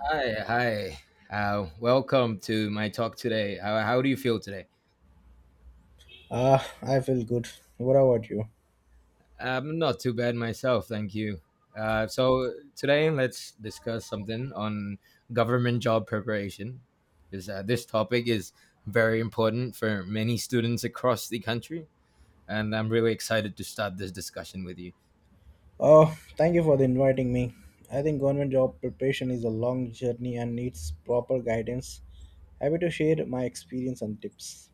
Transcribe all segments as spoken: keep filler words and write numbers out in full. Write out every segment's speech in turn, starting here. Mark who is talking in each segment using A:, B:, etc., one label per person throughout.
A: Hi, hi. Uh, welcome to my talk today. How, how do you feel today?
B: Ah, I feel good. What about you?
A: I'm not too bad myself, thank you. Uh, so today, let's discuss something on government job preparation, because uh, this topic is very important for many students across the country, and I'm really excited to start this discussion with you.
B: Oh, thank you for the inviting me. I think government job preparation is a long journey and needs proper guidance. Happy to share my experience and tips.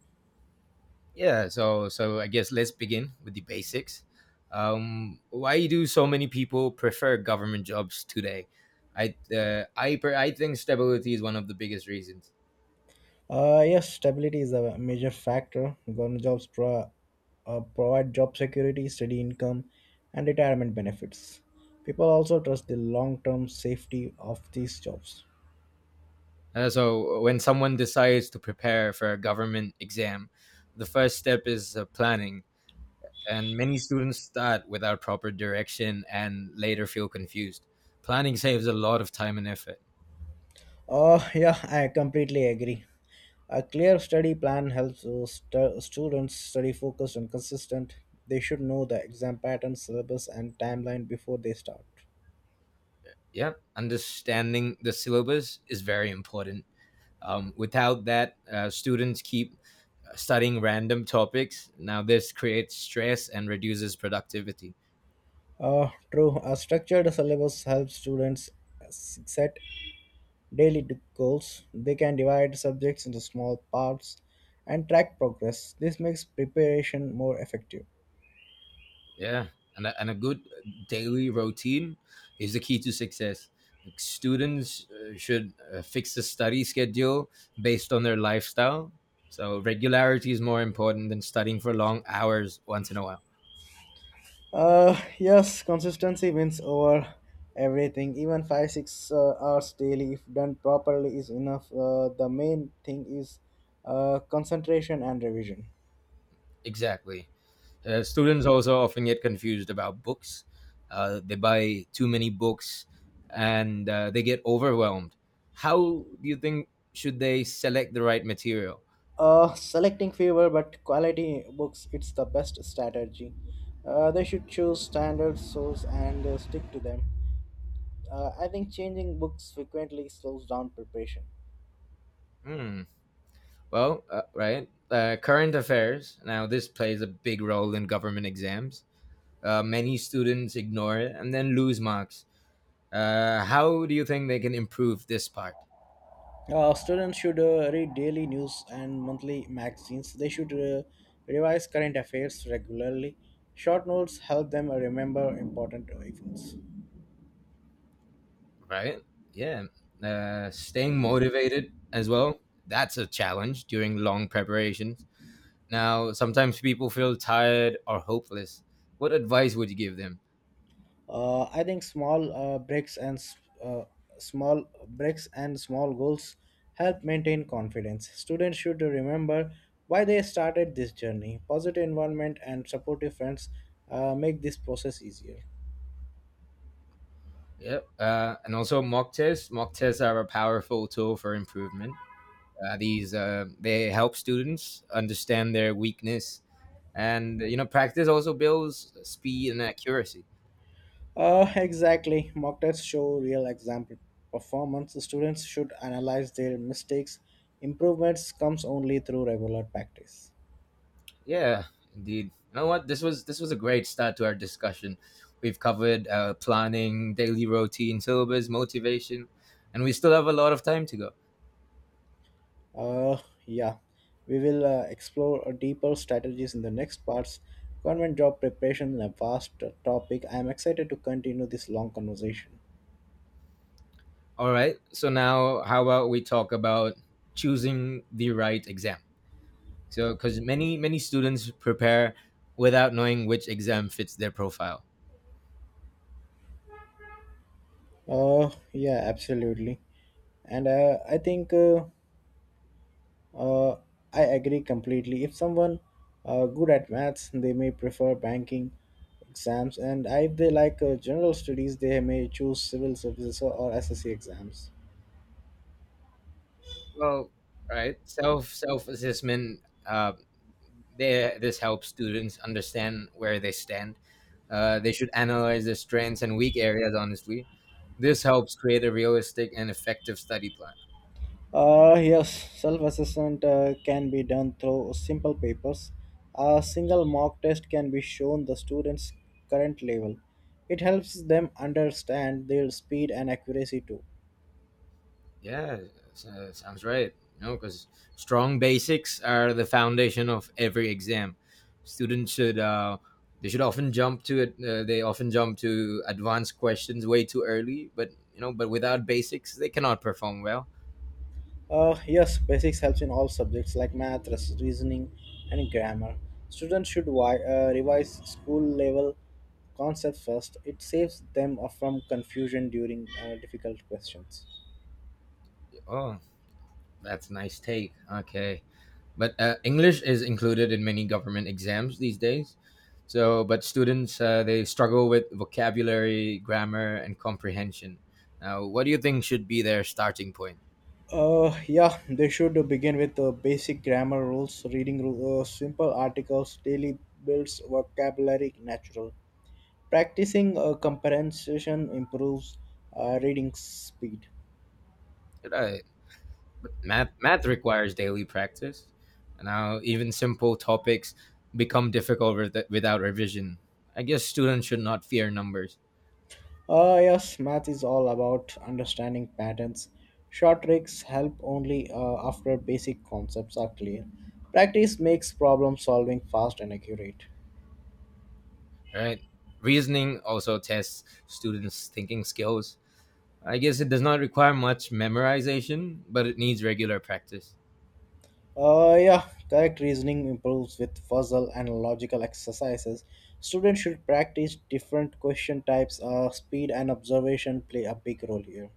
A: Yeah, so so I guess let's begin with the basics. Um, why do so many people prefer government jobs today? I uh, I per- I think stability is one of the biggest reasons.
B: Uh, yes, stability is a major factor. Government jobs pro- uh, provide job security, steady income, and retirement benefits. People also trust the long term safety of these jobs.
A: Uh, so when someone decides to prepare for a government exam, the first step is uh, planning, and many students start without proper direction and later feel confused. Planning saves a lot of time and effort.
B: Oh yeah, I completely agree. A clear study plan helps uh, stu- students study focused and consistent. They should know the exam pattern, syllabus, and timeline before they start.
A: Yeah, understanding the syllabus is very important. Um, without that, uh, students keep studying random topics. Now, this creates stress and reduces productivity.
B: Uh, true, a structured syllabus helps students s- set daily d- goals. They can divide subjects into small parts and track progress. This makes preparation more effective.
A: Yeah. And a, and a good daily routine is the key to success. Like, students uh, should uh, fix the study schedule based on their lifestyle. So, regularity is more important than studying for long hours once in a while.
B: Uh, yes, consistency wins over everything. Even five six uh, hours daily, if done properly, is enough. Uh, the main thing is uh, concentration and revision.
A: Exactly. Uh, students also often get confused about books. Uh, they buy too many books and uh, they get overwhelmed. How do you think should they select the right material?
B: Uh, selecting fewer but quality books, it's the best strategy. Uh, they should choose standard source and uh, stick to them. Uh, I think changing books frequently slows down preparation.
A: Hmm. Well, uh, right. Uh, current affairs. Now, this plays a big role in government exams. Uh, many students ignore it and then lose marks. Uh, how do you think they can improve this part?
B: Uh, students should uh, read daily news and monthly magazines. They should uh, revise current affairs regularly. Short notes help them uh, remember important events.
A: Right? Yeah. Uh, staying motivated as well. That's a challenge during long preparations. Now, sometimes people feel tired or hopeless. What advice would you give them?
B: Uh, I think small uh, breaks and s- uh, small breaks and small goals help maintain confidence. Students should remember why they started this journey. Positive environment and supportive friends uh, make this process easier.
A: Yep. Uh, and also mock tests. Mock tests are a powerful tool for improvement. Uh, these uh, they help students understand their weakness, and you know practice also builds speed and accuracy.
B: Uh, exactly. Mock tests show real example performance. Students should analyze their mistakes. Improvements comes only through regular practice.
A: Yeah, indeed. You know what? This was this was a great start to our discussion. We've covered uh, planning, daily routine, syllabus, motivation, and we still have a lot of time to go.
B: Uh, yeah. We will uh, explore uh, deeper strategies in the next parts. Government job preparation is a vast uh, topic. I am excited to continue this long conversation.
A: All right. So now, how about we talk about choosing the right exam? So, because many many students prepare without knowing which exam fits their profile.
B: Uh, yeah, absolutely. And uh, I think uh, Uh, I agree completely. If someone uh, good at maths, they may prefer banking exams, and if they like uh, general studies, they may choose civil services or, or S S C exams.
A: Well, right. Self self assessment. Uh, there, this helps students understand where they stand. Uh, they should analyze their strengths and weak areas. Honestly, this helps create a realistic and effective study plan.
B: Uh, yes, self assessment uh, can be done through simple papers. A single mock test can be shown the students' current level. It helps them understand their speed and accuracy too.
A: Yeah, so- sounds right. You know, because strong basics are the foundation of every exam. Students should uh, they should often jump to it. Uh, they often jump to advanced questions way too early. But you know, but without basics, they cannot perform well.
B: Uh, yes, basics helps in all subjects like math, res- reasoning, and grammar. Students should wi- uh, revise school level concepts first. It saves them uh, from confusion during uh, difficult questions.
A: Oh, that's nice take. Okay. But uh, English is included in many government exams these days. So, but students uh, they struggle with vocabulary, grammar, and comprehension. Now, what do you think should be their starting point?
B: Uh, yeah, they should begin with uh, basic grammar rules, reading ru- uh, simple articles daily builds vocabulary natural. Practicing uh, comprehension improves uh, reading speed.
A: Should I- Math math requires daily practice. Now, even simple topics become difficult with, without revision. I guess students should not fear numbers.
B: Uh, yes, math is all about understanding patterns. Short tricks help only uh, after basic concepts are clear. Practice makes problem solving fast and accurate.
A: Right? Reasoning also tests students' thinking skills. I guess it does not require much memorization, but it needs regular practice,
B: Uh, yeah, correct reasoning improves with puzzle and logical exercises. Students should practice different question types. Uh, speed and observation play a big role here.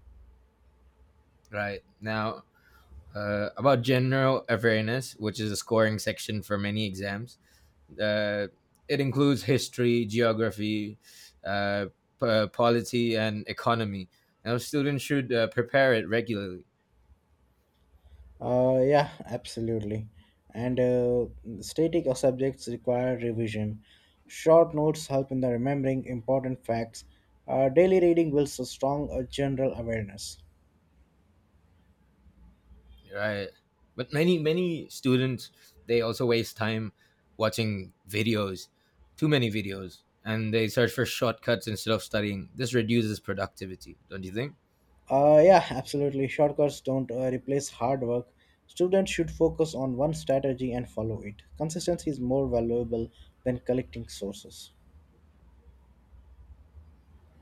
A: right? Now, uh, about general awareness, which is a scoring section for many exams, uh, it includes history, geography, uh, p- uh, polity, and economy. Now, students should uh, prepare it regularly.
B: Uh, yeah, absolutely. And uh, static subjects require revision. Short notes help in the remembering important facts. Uh, daily reading builds a strong uh, general awareness.
A: Right. But many many students they also waste time watching videos, too many videos, and they search for shortcuts instead of studying. This reduces productivity, don't you think?
B: Uh, yeah, absolutely. Shortcuts don't uh, replace hard work. Students should focus on one strategy and follow it. Consistency is more valuable than collecting sources.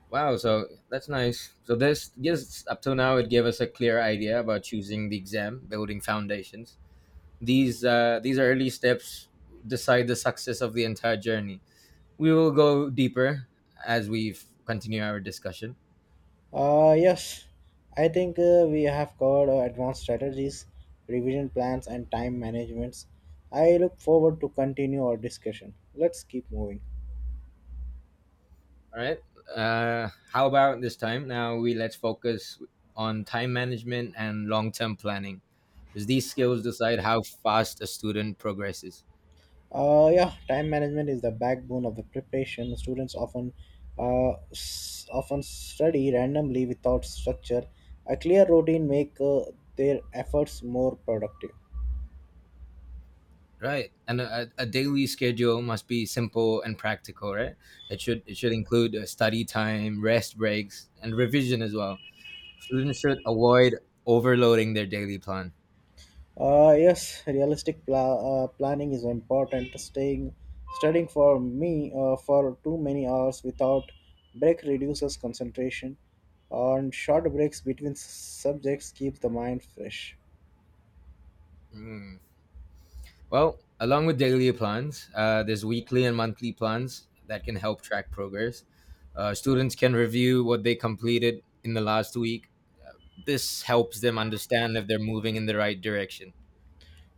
A: Wow, so that's nice. So this yes, up till now it gave us a clear idea about choosing the exam, building foundations. These uh, these early steps decide the success of the entire journey. We will go deeper as we f- continue our discussion.
B: Uh, yes, I think uh, we have covered uh, advanced strategies, revision plans, and time managements. I look forward to continue our discussion. Let's keep moving.
A: All right. Uh, how about this time? Now we let's focus on time management and long-term planning, because these skills decide how fast a student progresses.
B: Uh, yeah, time management is the backbone of the preparation. Students often uh, s- often study randomly without structure. A clear routine make uh, their efforts more productive.
A: Right, and a, a daily schedule must be simple and practical. Right, it should it should include uh, study time, rest breaks, and revision as well. Students should avoid overloading their daily plan.
B: Uh, yes, realistic pla- uh, planning is important. Staying studying for me uh, for too many hours without break reduces concentration, and short breaks between s- subjects keeps the mind fresh.
A: Mm. Well, along with daily plans, uh, there's weekly and monthly plans that can help track progress. Uh, students can review what they completed in the last week. This helps them understand if they're moving in the right direction.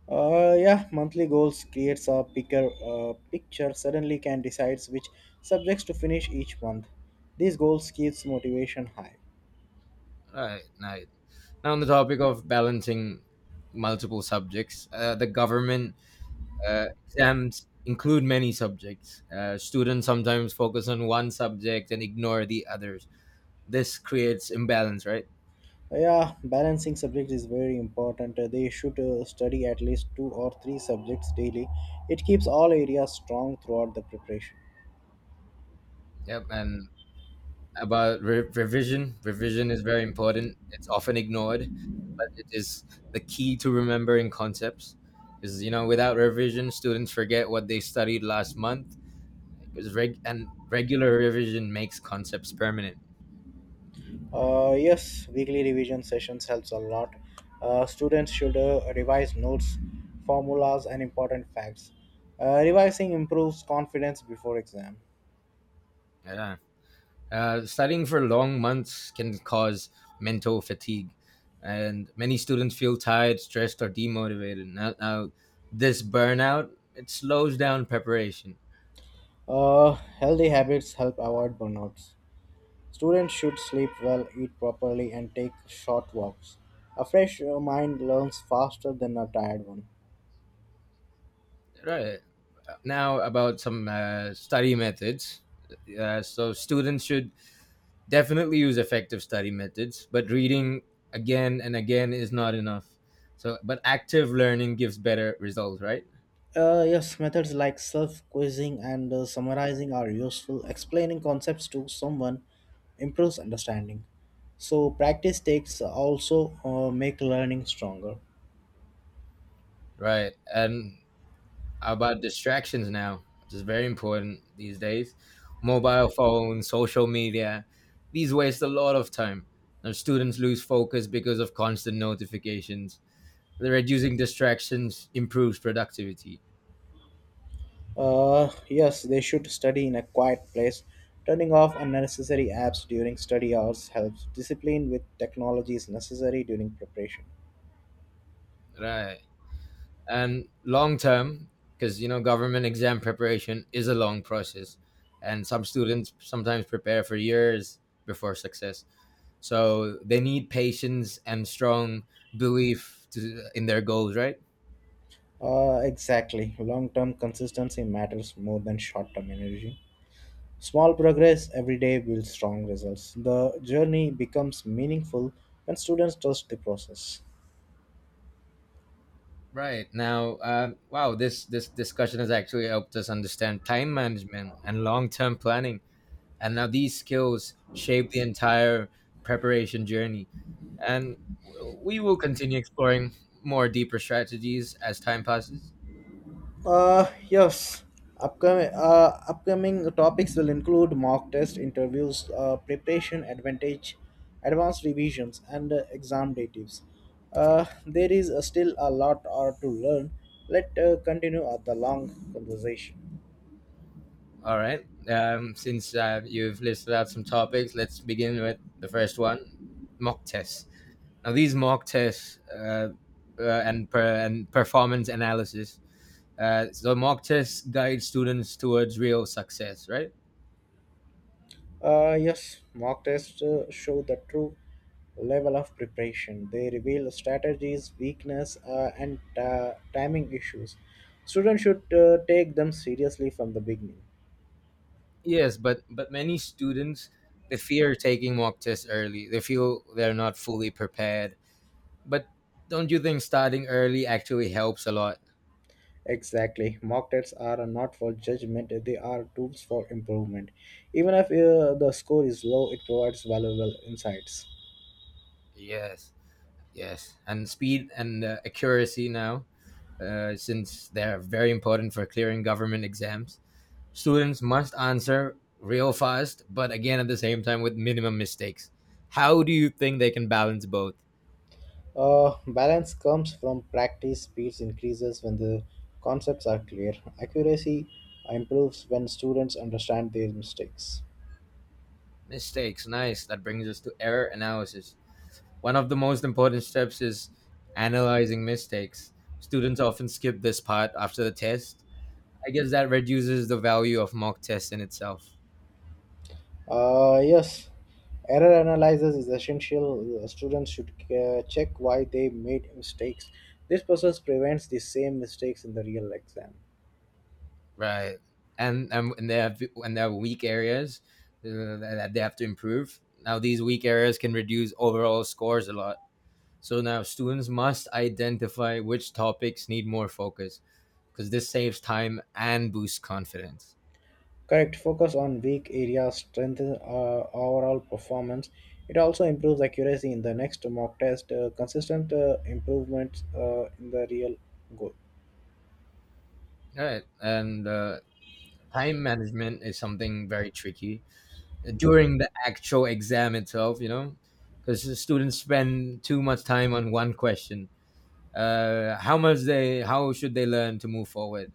B: Uh, yeah, monthly goals creates a bigger uh, picture. Suddenly, can decides which subjects to finish each month. These goals keeps motivation high.
A: Right, right. Now, on the topic of balancing multiple subjects, uh, the government uh, exams include many subjects. Uh, students sometimes focus on one subject and ignore the others. This creates imbalance, right?
B: Yeah, balancing subjects is very important. Uh, They should uh, study at least two or three subjects daily. It keeps all areas strong throughout the preparation.
A: Yep, and about re- revision. Revision is very important. It's often ignored, but it is the key to remembering concepts. Because you know, without revision, students forget what they studied last month. Because reg- and regular revision makes concepts permanent.
B: Uh, yes, weekly revision sessions helps a lot. Uh, students should uh, revise notes, formulas, and important facts. Uh, revising improves confidence before exam.
A: Yeah. Uh, studying for long months can cause mental fatigue, and many students feel tired, stressed, or demotivated. Now, now this burnout it slows down preparation.
B: Uh, Healthy habits help avoid burnouts. Students should sleep well, eat properly, and take short walks. A fresh uh, mind learns faster than a tired one.
A: Right. Now about some uh, study methods. Uh, so students should definitely use effective study methods, but reading again and again is not enough. So, but active learning gives better results, right?
B: Uh, yes, methods like self quizzing and uh, summarizing are useful. Explaining concepts to someone improves understanding. So, practice takes also uh, make learning stronger.
A: Right. And how about distractions now, which is very important these days. Mobile phones, social media, these waste a lot of time. And students lose focus because of constant notifications. Reducing distractions improves productivity.
B: Uh, yes, they should study in a quiet place. Turning off unnecessary apps during study hours helps. Discipline with technology is necessary during preparation.
A: Right. And long term, because you know government exam preparation is a long process and some students sometimes prepare for years before success, so they need patience and strong belief to, in their goals, right?
B: Uh, exactly. Long term consistency matters more than short term energy. Small progress every day builds strong results. The journey becomes meaningful when students trust the process.
A: Right. Now uh, wow, this this discussion has actually helped us understand time management and long-term planning, and now these skills shape the entire preparation journey. And w- we will continue exploring more deeper strategies as time passes.
B: Uh, yes. Upcoming, uh, upcoming topics will include mock test interviews, uh, preparation advantage, advanced revisions, and uh, exam day tips. Uh, there is uh, still a lot uh, to learn. Let uh, continue uh, the long conversation.
A: All right. Um, since uh, you've listed out some topics, let's begin with the first one, mock tests. Now these mock tests, uh, uh, and, per- and performance analysis, uh, so mock tests guide students towards real success, right?
B: Uh, yes, mock tests uh, show the true level of preparation. They reveal strategies, weakness, uh, and uh, timing issues. Students should uh, take them seriously from the beginning.
A: Yes, but but many students they fear taking mock tests early. They feel they're not fully prepared. But don't you think starting early actually helps a lot?
B: Exactly. Mock tests are not for judgment, they are tools for improvement. Even if uh, the score is low, it provides valuable insights.
A: Yes, yes, and speed and uh, accuracy now, uh, since they're very important for clearing government exams. Students must answer real fast, but again at the same time with minimum mistakes. How do you think they can balance both?
B: Uh, balance comes from practice, speeds increases when the concepts are clear, accuracy improves when students understand their mistakes.
A: Mistakes, nice. That brings us to error analysis. One of the most important steps is analyzing mistakes. Students often skip this part after the test. I guess that reduces the value of mock tests in itself.
B: Uh, yes, error analysis is essential. Uh, Students should uh, check why they made mistakes. This process prevents the same mistakes in the real exam.
A: Right. And and when they have when there are weak areas uh, that they have to improve. Now these weak areas can reduce overall scores a lot. So now students must identify which topics need more focus because this saves time and boosts confidence.
B: Correct. Focus on weak areas strengthens uh, overall performance. It also improves accuracy in the next mock test. Uh, consistent uh, improvements uh, in the real goal.
A: All right. And uh, time management is something very tricky during the actual exam itself, you know, because the students spend too much time on one question. Uh, how much they, how should they learn to move forward,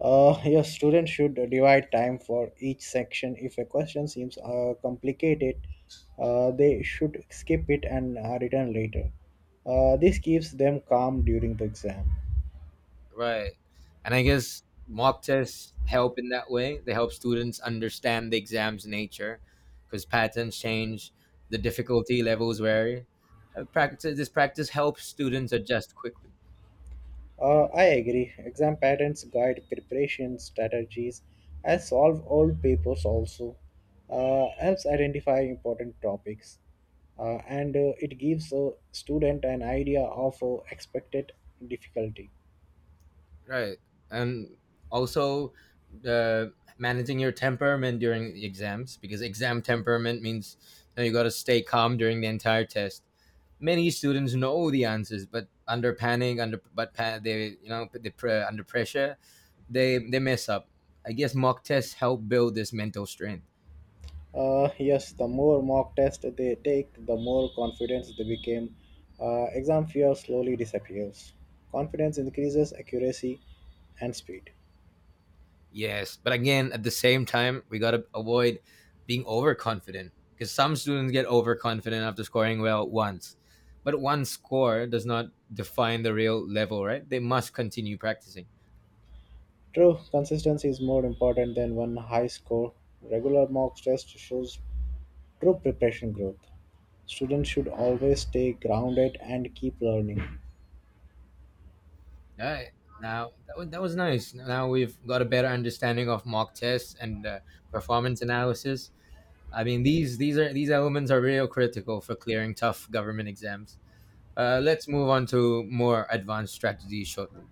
B: Uh, your student should divide time for each section. If a question seems uh, complicated, uh, they should skip it and uh, return later. Uh, this keeps them calm during the exam.
A: right? And I guess mock tests help in that way. They help students understand the exam's nature, because patterns change, the difficulty levels vary. Uh, practice this practice helps students adjust quickly.
B: Uh, I agree. Exam patterns guide preparation strategies and solve old papers also. Uh, helps identify important topics uh, and uh, it gives a student an idea of uh, expected difficulty.
A: Right. And also uh, managing your temperament during the exams, because exam temperament means you know, you got to stay calm during the entire test. Many students know the answers, but under panic under but pa- they you know they pre- under pressure, they they mess up. I guess mock tests help build this mental strength.
B: Uh, yes, the more mock test they take, the more confidence they become. Uh, exam fear slowly disappears. Confidence increases accuracy and speed.
A: Yes, but again, at the same time, we got to avoid being overconfident because some students get overconfident after scoring well once. But one score does not define the real level, right? They must continue practicing.
B: True, consistency is more important than one high score. Regular mock test shows true preparation growth. Students should always stay grounded and keep learning.
A: All right. Now, that was, that was nice. Now we've got a better understanding of mock tests and uh, performance analysis. I mean, these these are these elements are real critical for clearing tough government exams. Uh, let's move on to more advanced strategies shortly.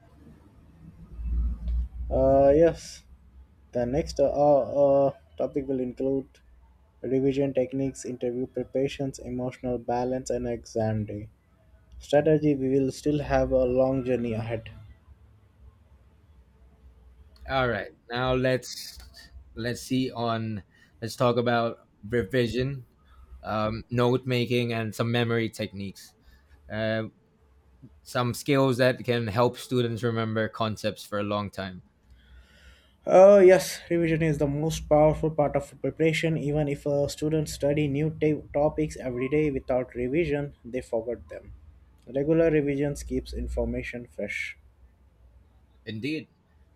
B: Uh, yes, the next uh, uh, topic will include revision techniques, interview preparations, emotional balance, and exam day. Strategy, we will still have a long journey ahead.
A: All right. Now let's let's see on let's talk about revision, um, note making, and some memory techniques. Uh, some skills that can help students remember concepts for a long time.
B: Oh, yes, revision is the most powerful part of preparation. Even if uh, students study new ta- topics every day without revision, they forget them. Regular revisions keeps information fresh.
A: Indeed,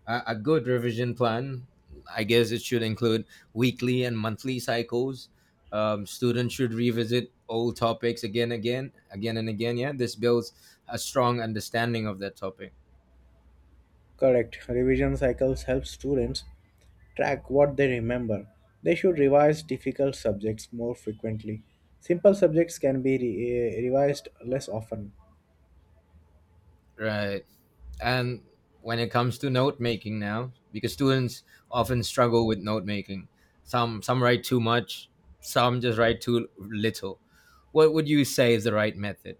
A: a, a good revision plan. I guess it should include weekly and monthly cycles. Um, students should revisit old topics again, again, again, and again. Yeah, this builds a strong understanding of that topic.
B: Correct. Revision cycles help students track what they remember. They should revise difficult subjects more frequently. Simple subjects can be re- eh, revised less often.
A: Right. And when it comes to note making now, because students often struggle with note making, some some write too much, some just write too little. What would you say is the right method?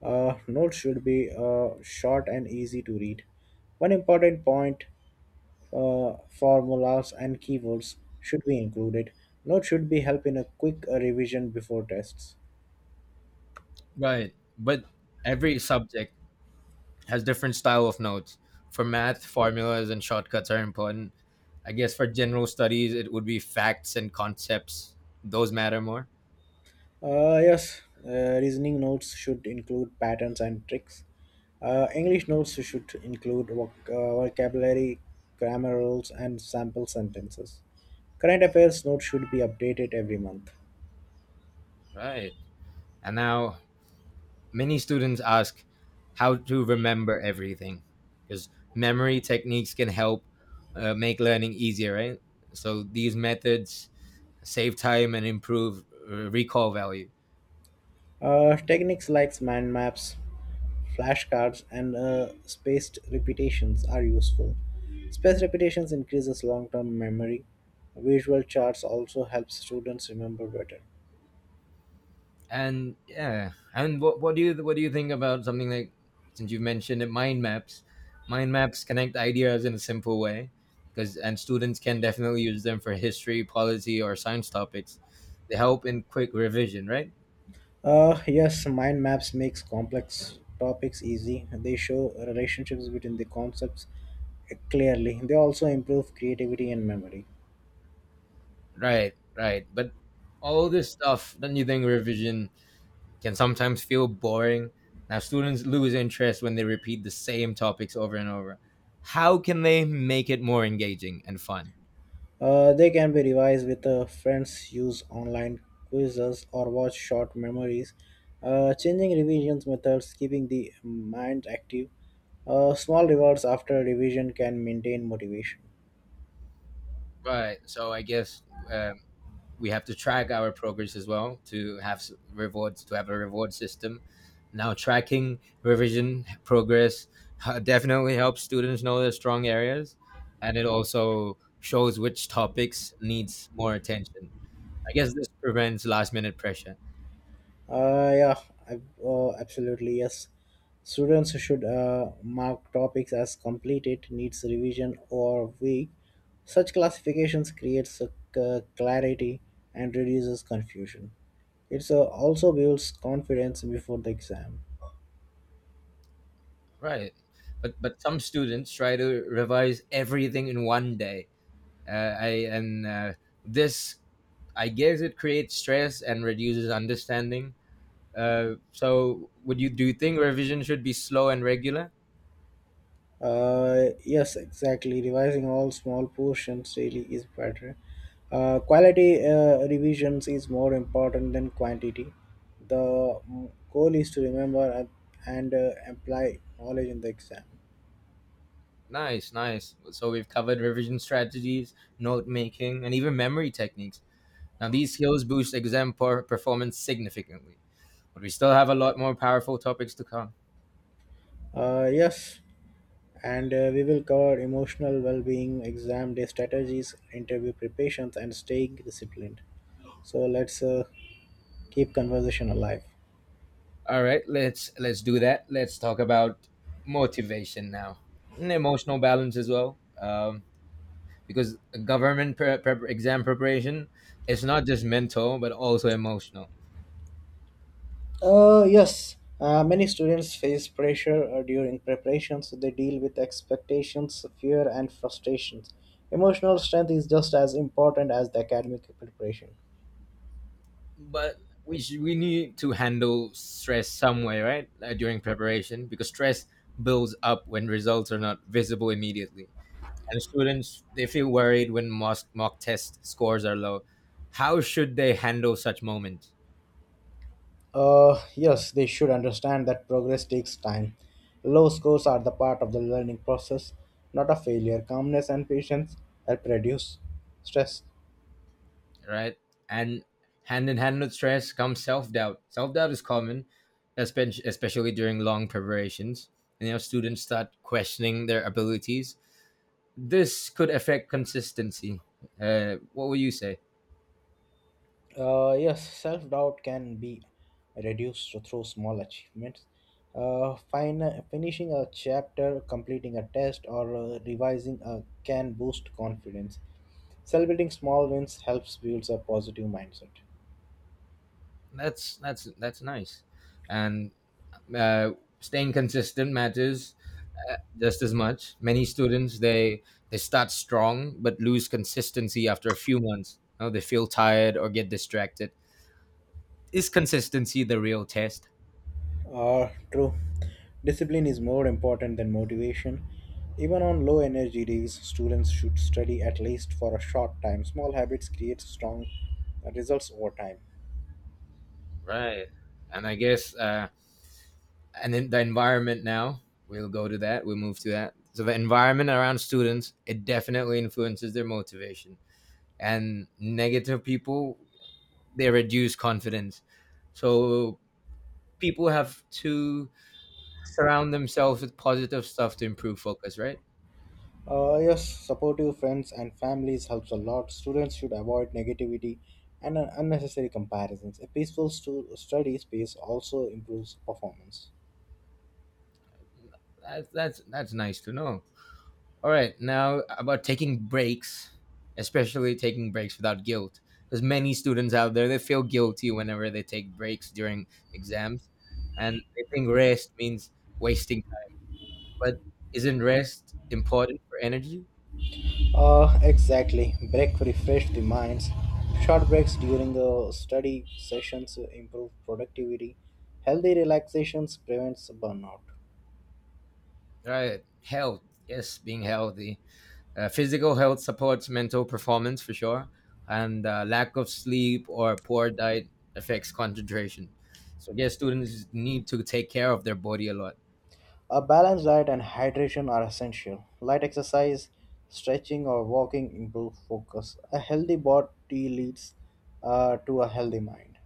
B: Uh, notes should be uh, short and easy to read. One important point uh, formulas and keywords should be included. Notes should be help in a quick uh, revision before tests.
A: Right. But every subject has different style of notes. For math, formulas and shortcuts are important. I guess for general studies, it would be facts and concepts. Those matter more.
B: Uh, yes, uh, reasoning notes should include patterns and tricks. Uh, English notes should include voc- uh, vocabulary, grammar rules, and sample sentences. Current affairs notes should be updated every month.
A: Right. And now many students ask how to remember everything because memory techniques can help uh, make learning easier, right? So these methods save time and improve uh, recall value.
B: Uh, techniques like mind maps, flashcards, and uh, spaced repetitions are useful. Spaced repetitions increases long-term memory. Visual charts also help students remember better.
A: And yeah and what, what do you what do you think about something like, since you mentioned it, mind maps. Mind maps connect ideas in a simple way, because and students can definitely use them for history policy or science topics. They help in quick revision, right?
B: Uh, yes, mind maps makes complex topics easy. They show relationships between the concepts clearly. They also improve creativity and memory.
A: Right right but all this stuff, don't you think revision can sometimes feel boring? Now students lose interest when they repeat the same topics over and over. How can they make it more engaging and fun?
B: Uh, they can be revised with uh, friends, use online quizzes, or watch short memories. Uh, changing revision methods, keeping the mind active. Uh, small rewards after revision can maintain motivation.
A: Right, so I guess uh, we have to track our progress as well to have s- rewards, to have a reward system. Now tracking revision progress h- definitely helps students know their strong areas, and it also shows which topics needs more attention. I guess this prevents last minute pressure.
B: Uh, yeah, I, uh, absolutely yes. Students should uh, mark topics as completed, needs revision, or weak. Such classifications creates a c- clarity and reduces confusion. It uh, also builds confidence before the exam.
A: Right but but some students try to revise everything in one day. Uh, I, and uh, this i guess it creates stress and reduces understanding. Uh, so would you do you think revision should be slow and regular?
B: Uh, yes, exactly. Revising all small portions daily is better. Uh, quality uh, revisions is more important than quantity. The mm, goal is to remember and and, uh, apply knowledge in the exam.
A: Nice, nice. So we've covered revision strategies, note making, and even memory techniques. Now these skills boost exam per- performance significantly, but we still have a lot more powerful topics to come.
B: Uh, yes, and uh, we will cover emotional well-being, exam day strategies, interview preparations, and staying disciplined. So let's uh, keep conversation alive.
A: All right, let's let's do that. Let's talk about motivation now, and emotional balance as well. Um, because government pre- prep- exam preparation is not just mental but also emotional.
B: Uh, yes, uh, many students face pressure uh, during preparations. They deal with expectations, fear, and frustrations. Emotional strength is just as important as the academic preparation.
A: But we sh- we need to handle stress some way, right? Uh, during preparation, because stress builds up when results are not visible immediately, and students, they feel worried when mock mock test scores are low. How should they handle such moments?
B: Uh, yes, they should understand that progress takes time. Low scores are the part of the learning process, not a failure. Calmness and patience help reduce stress.
A: Right. And hand in hand with stress comes self doubt. Self doubt is common, espe- especially during long preparations. And, you know, students start questioning their abilities. This could affect consistency. Uh, what would you say?
B: Uh, yes, self doubt can be reduced through small achievements. Uh, fin- finishing a chapter, completing a test, or uh, revising a can boost confidence. Celebrating small wins helps builds a positive mindset.
A: That's that's that's nice, and uh, staying consistent matters uh, just as much. Many students, they they start strong but lose consistency after a few months. You know, they feel tired or get distracted. Is consistency the real test?
B: Uh, true. Discipline is more important than motivation. Even on low energy days, students should study at least for a short time. Small habits create strong uh, results over time.
A: Right, and I guess uh, and then the environment now, we'll go to that. We'll move to that. So the environment around students, it definitely influences their motivation, and negative people, they reduce confidence. So people have to surround themselves with positive stuff to improve focus, right?
B: Uh, yes, supportive friends and families helps a lot. Students should avoid negativity and un- unnecessary comparisons. A peaceful stu- study space also improves performance.
A: That's that's that's nice to know. All right, now about taking breaks, especially taking breaks without guilt. There's many students out there, they feel guilty whenever they take breaks during exams, and they think rest means wasting time. But isn't rest important for energy?
B: Uh, exactly. Break refresh the minds. Short breaks during the study sessions improve productivity. Healthy relaxations prevents burnout.
A: Right, health. Yes, being healthy. Uh, physical health supports mental performance for sure, and uh, lack of sleep or poor diet affects concentration. So, yes, students need to take care of their body a lot.
B: A balanced diet and hydration are essential. Light exercise, stretching, or walking improve focus. A healthy body leads uh, to a healthy mind.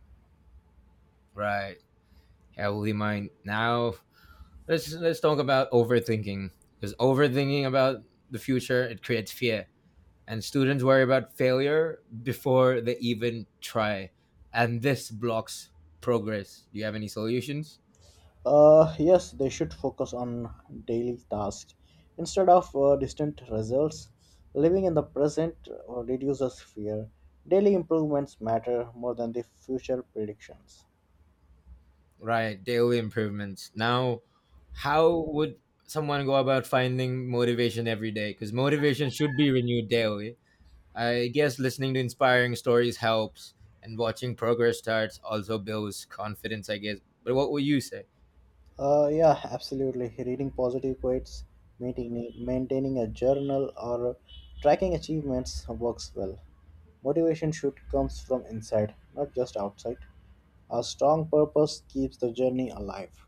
A: Right, healthy mind. Now, let's let's talk about overthinking, because overthinking about the future, it creates fear, and students worry about failure before they even try, and this blocks progress. Do you have any solutions?
B: Uh, yes, they should focus on daily tasks instead of uh, distant results. Living in the present uh, reduces fear. Daily improvements matter more than the future predictions.
A: Right, daily improvements. Now, how would someone go about finding motivation every day? Because motivation should be renewed daily. I guess listening to inspiring stories helps, and watching progress charts also builds confidence, I guess. But what would you say?
B: Uh, yeah, absolutely. Reading positive quotes, maintaining, maintaining a journal, or tracking achievements works well. Motivation should comes from inside, not just outside. A strong purpose keeps the journey alive.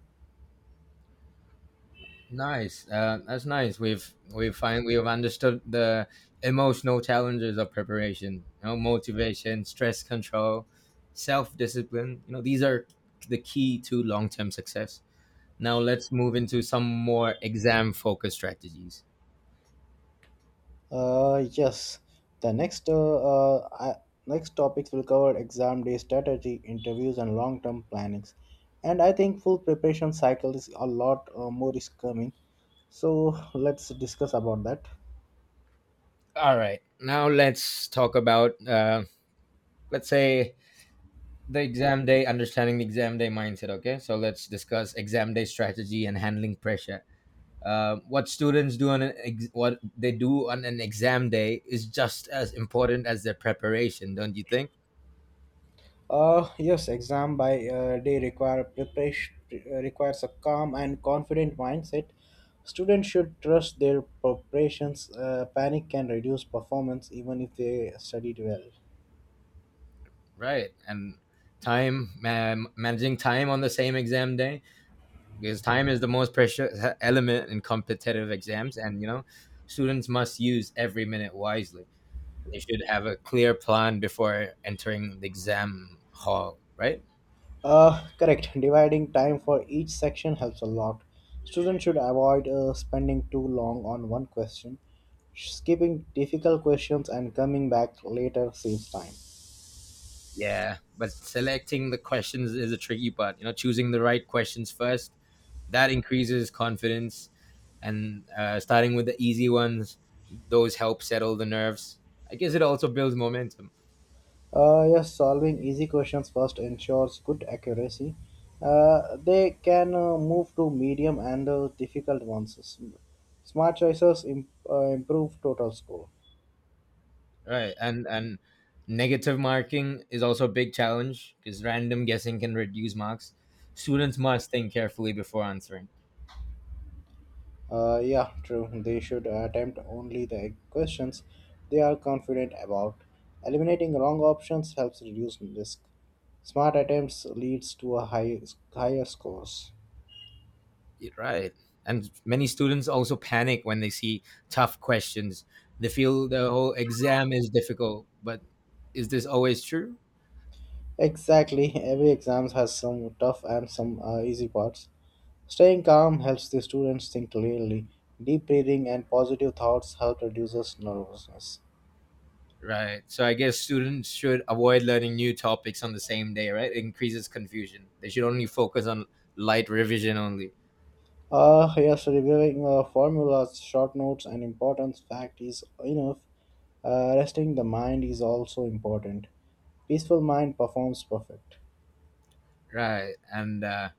A: Nice. Uh, that's nice. We've we find we have understood the emotional challenges of preparation. You know, motivation, stress control, self discipline. You know, these are the key to long term success. Now let's move into some more exam focused strategies.
B: Uh, yes. The next uh, uh, I, next topics will cover exam day strategy, interviews, and long term plannings. And I think full preparation cycle is a lot uh, more is coming. So let's discuss about that.
A: All right. Now let's talk about uh, let's say the exam day, understanding the exam day mindset. Okay. So let's discuss exam day strategy and handling pressure. Uh, what students do on an ex- what they do on an exam day is just as important as their preparation, don't you think?
B: Uh, yes, exam by uh, day require preparation uh, requires a calm and confident mindset. Students should trust their preparations. Uh, panic can reduce performance even if they studied well.
A: Right. And time, man managing time on the same exam day, because time is the most precious element in competitive exams, and you know, students must use every minute wisely. They should have a clear plan before entering the exam hall, right?
B: Uh, correct. Dividing time for each section helps a lot. Students should avoid uh, spending too long on one question. Skipping difficult questions and coming back later saves time.
A: Yeah, but selecting the questions is a tricky part. You know, choosing the right questions first, that increases confidence, and uh, starting with the easy ones, those help settle the nerves. I guess it also builds momentum.
B: Uh, yes, solving easy questions first ensures good accuracy. Uh, they can uh, move to medium and uh, difficult ones. S- Smart choices imp- uh, improve total score.
A: Right, and and negative marking is also a big challenge, because random guessing can reduce marks. Students must think carefully before answering.
B: Uh, yeah, true. They should attempt only the questions they are confident about. Eliminating wrong options helps reduce risk. Smart attempts leads to a high, higher scores.
A: Y- Right, and many students also panic when they see tough questions. They feel the whole exam is difficult, but is this always true?
B: Exactly. Every exam has some tough and some uh, easy parts. Staying calm helps the students think clearly. Deep breathing and positive thoughts help reduces nervousness.
A: Right. So I guess students should avoid learning new topics on the same day, right? It increases confusion. They should only focus on light revision only.
B: Uh, yes, reviewing uh, formulas, short notes, and important fact is enough. Uh, resting the mind is also important. Peaceful mind performs perfect.
A: Right. And uh,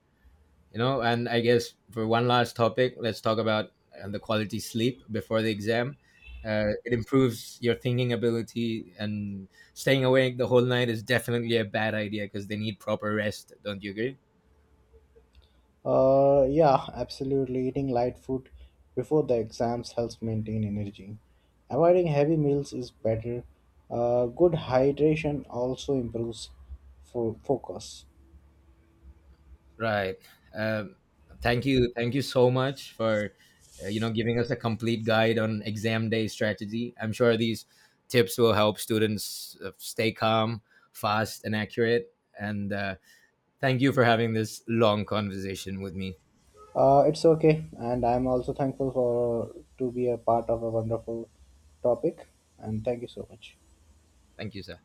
A: you know, and I guess for one last topic, let's talk about um, the quality sleep before the exam. Uh, it improves your thinking ability, and staying awake the whole night is definitely a bad idea, because they need proper rest, don't you agree?
B: Uh, yeah, absolutely. Eating light food before the exams helps maintain energy. Avoiding heavy meals is better. Uh, good hydration also improves fo- focus.
A: Right. um, Thank you, thank you so much for uh, you know, giving us a complete guide on exam day strategy. I'm sure these tips will help students uh, stay calm, fast and accurate, and uh, thank you for having this long conversation with me.
B: Uh, it's okay, and I'm also thankful for to be a part of a wonderful topic. And thank you so much.
A: Thank you, sir.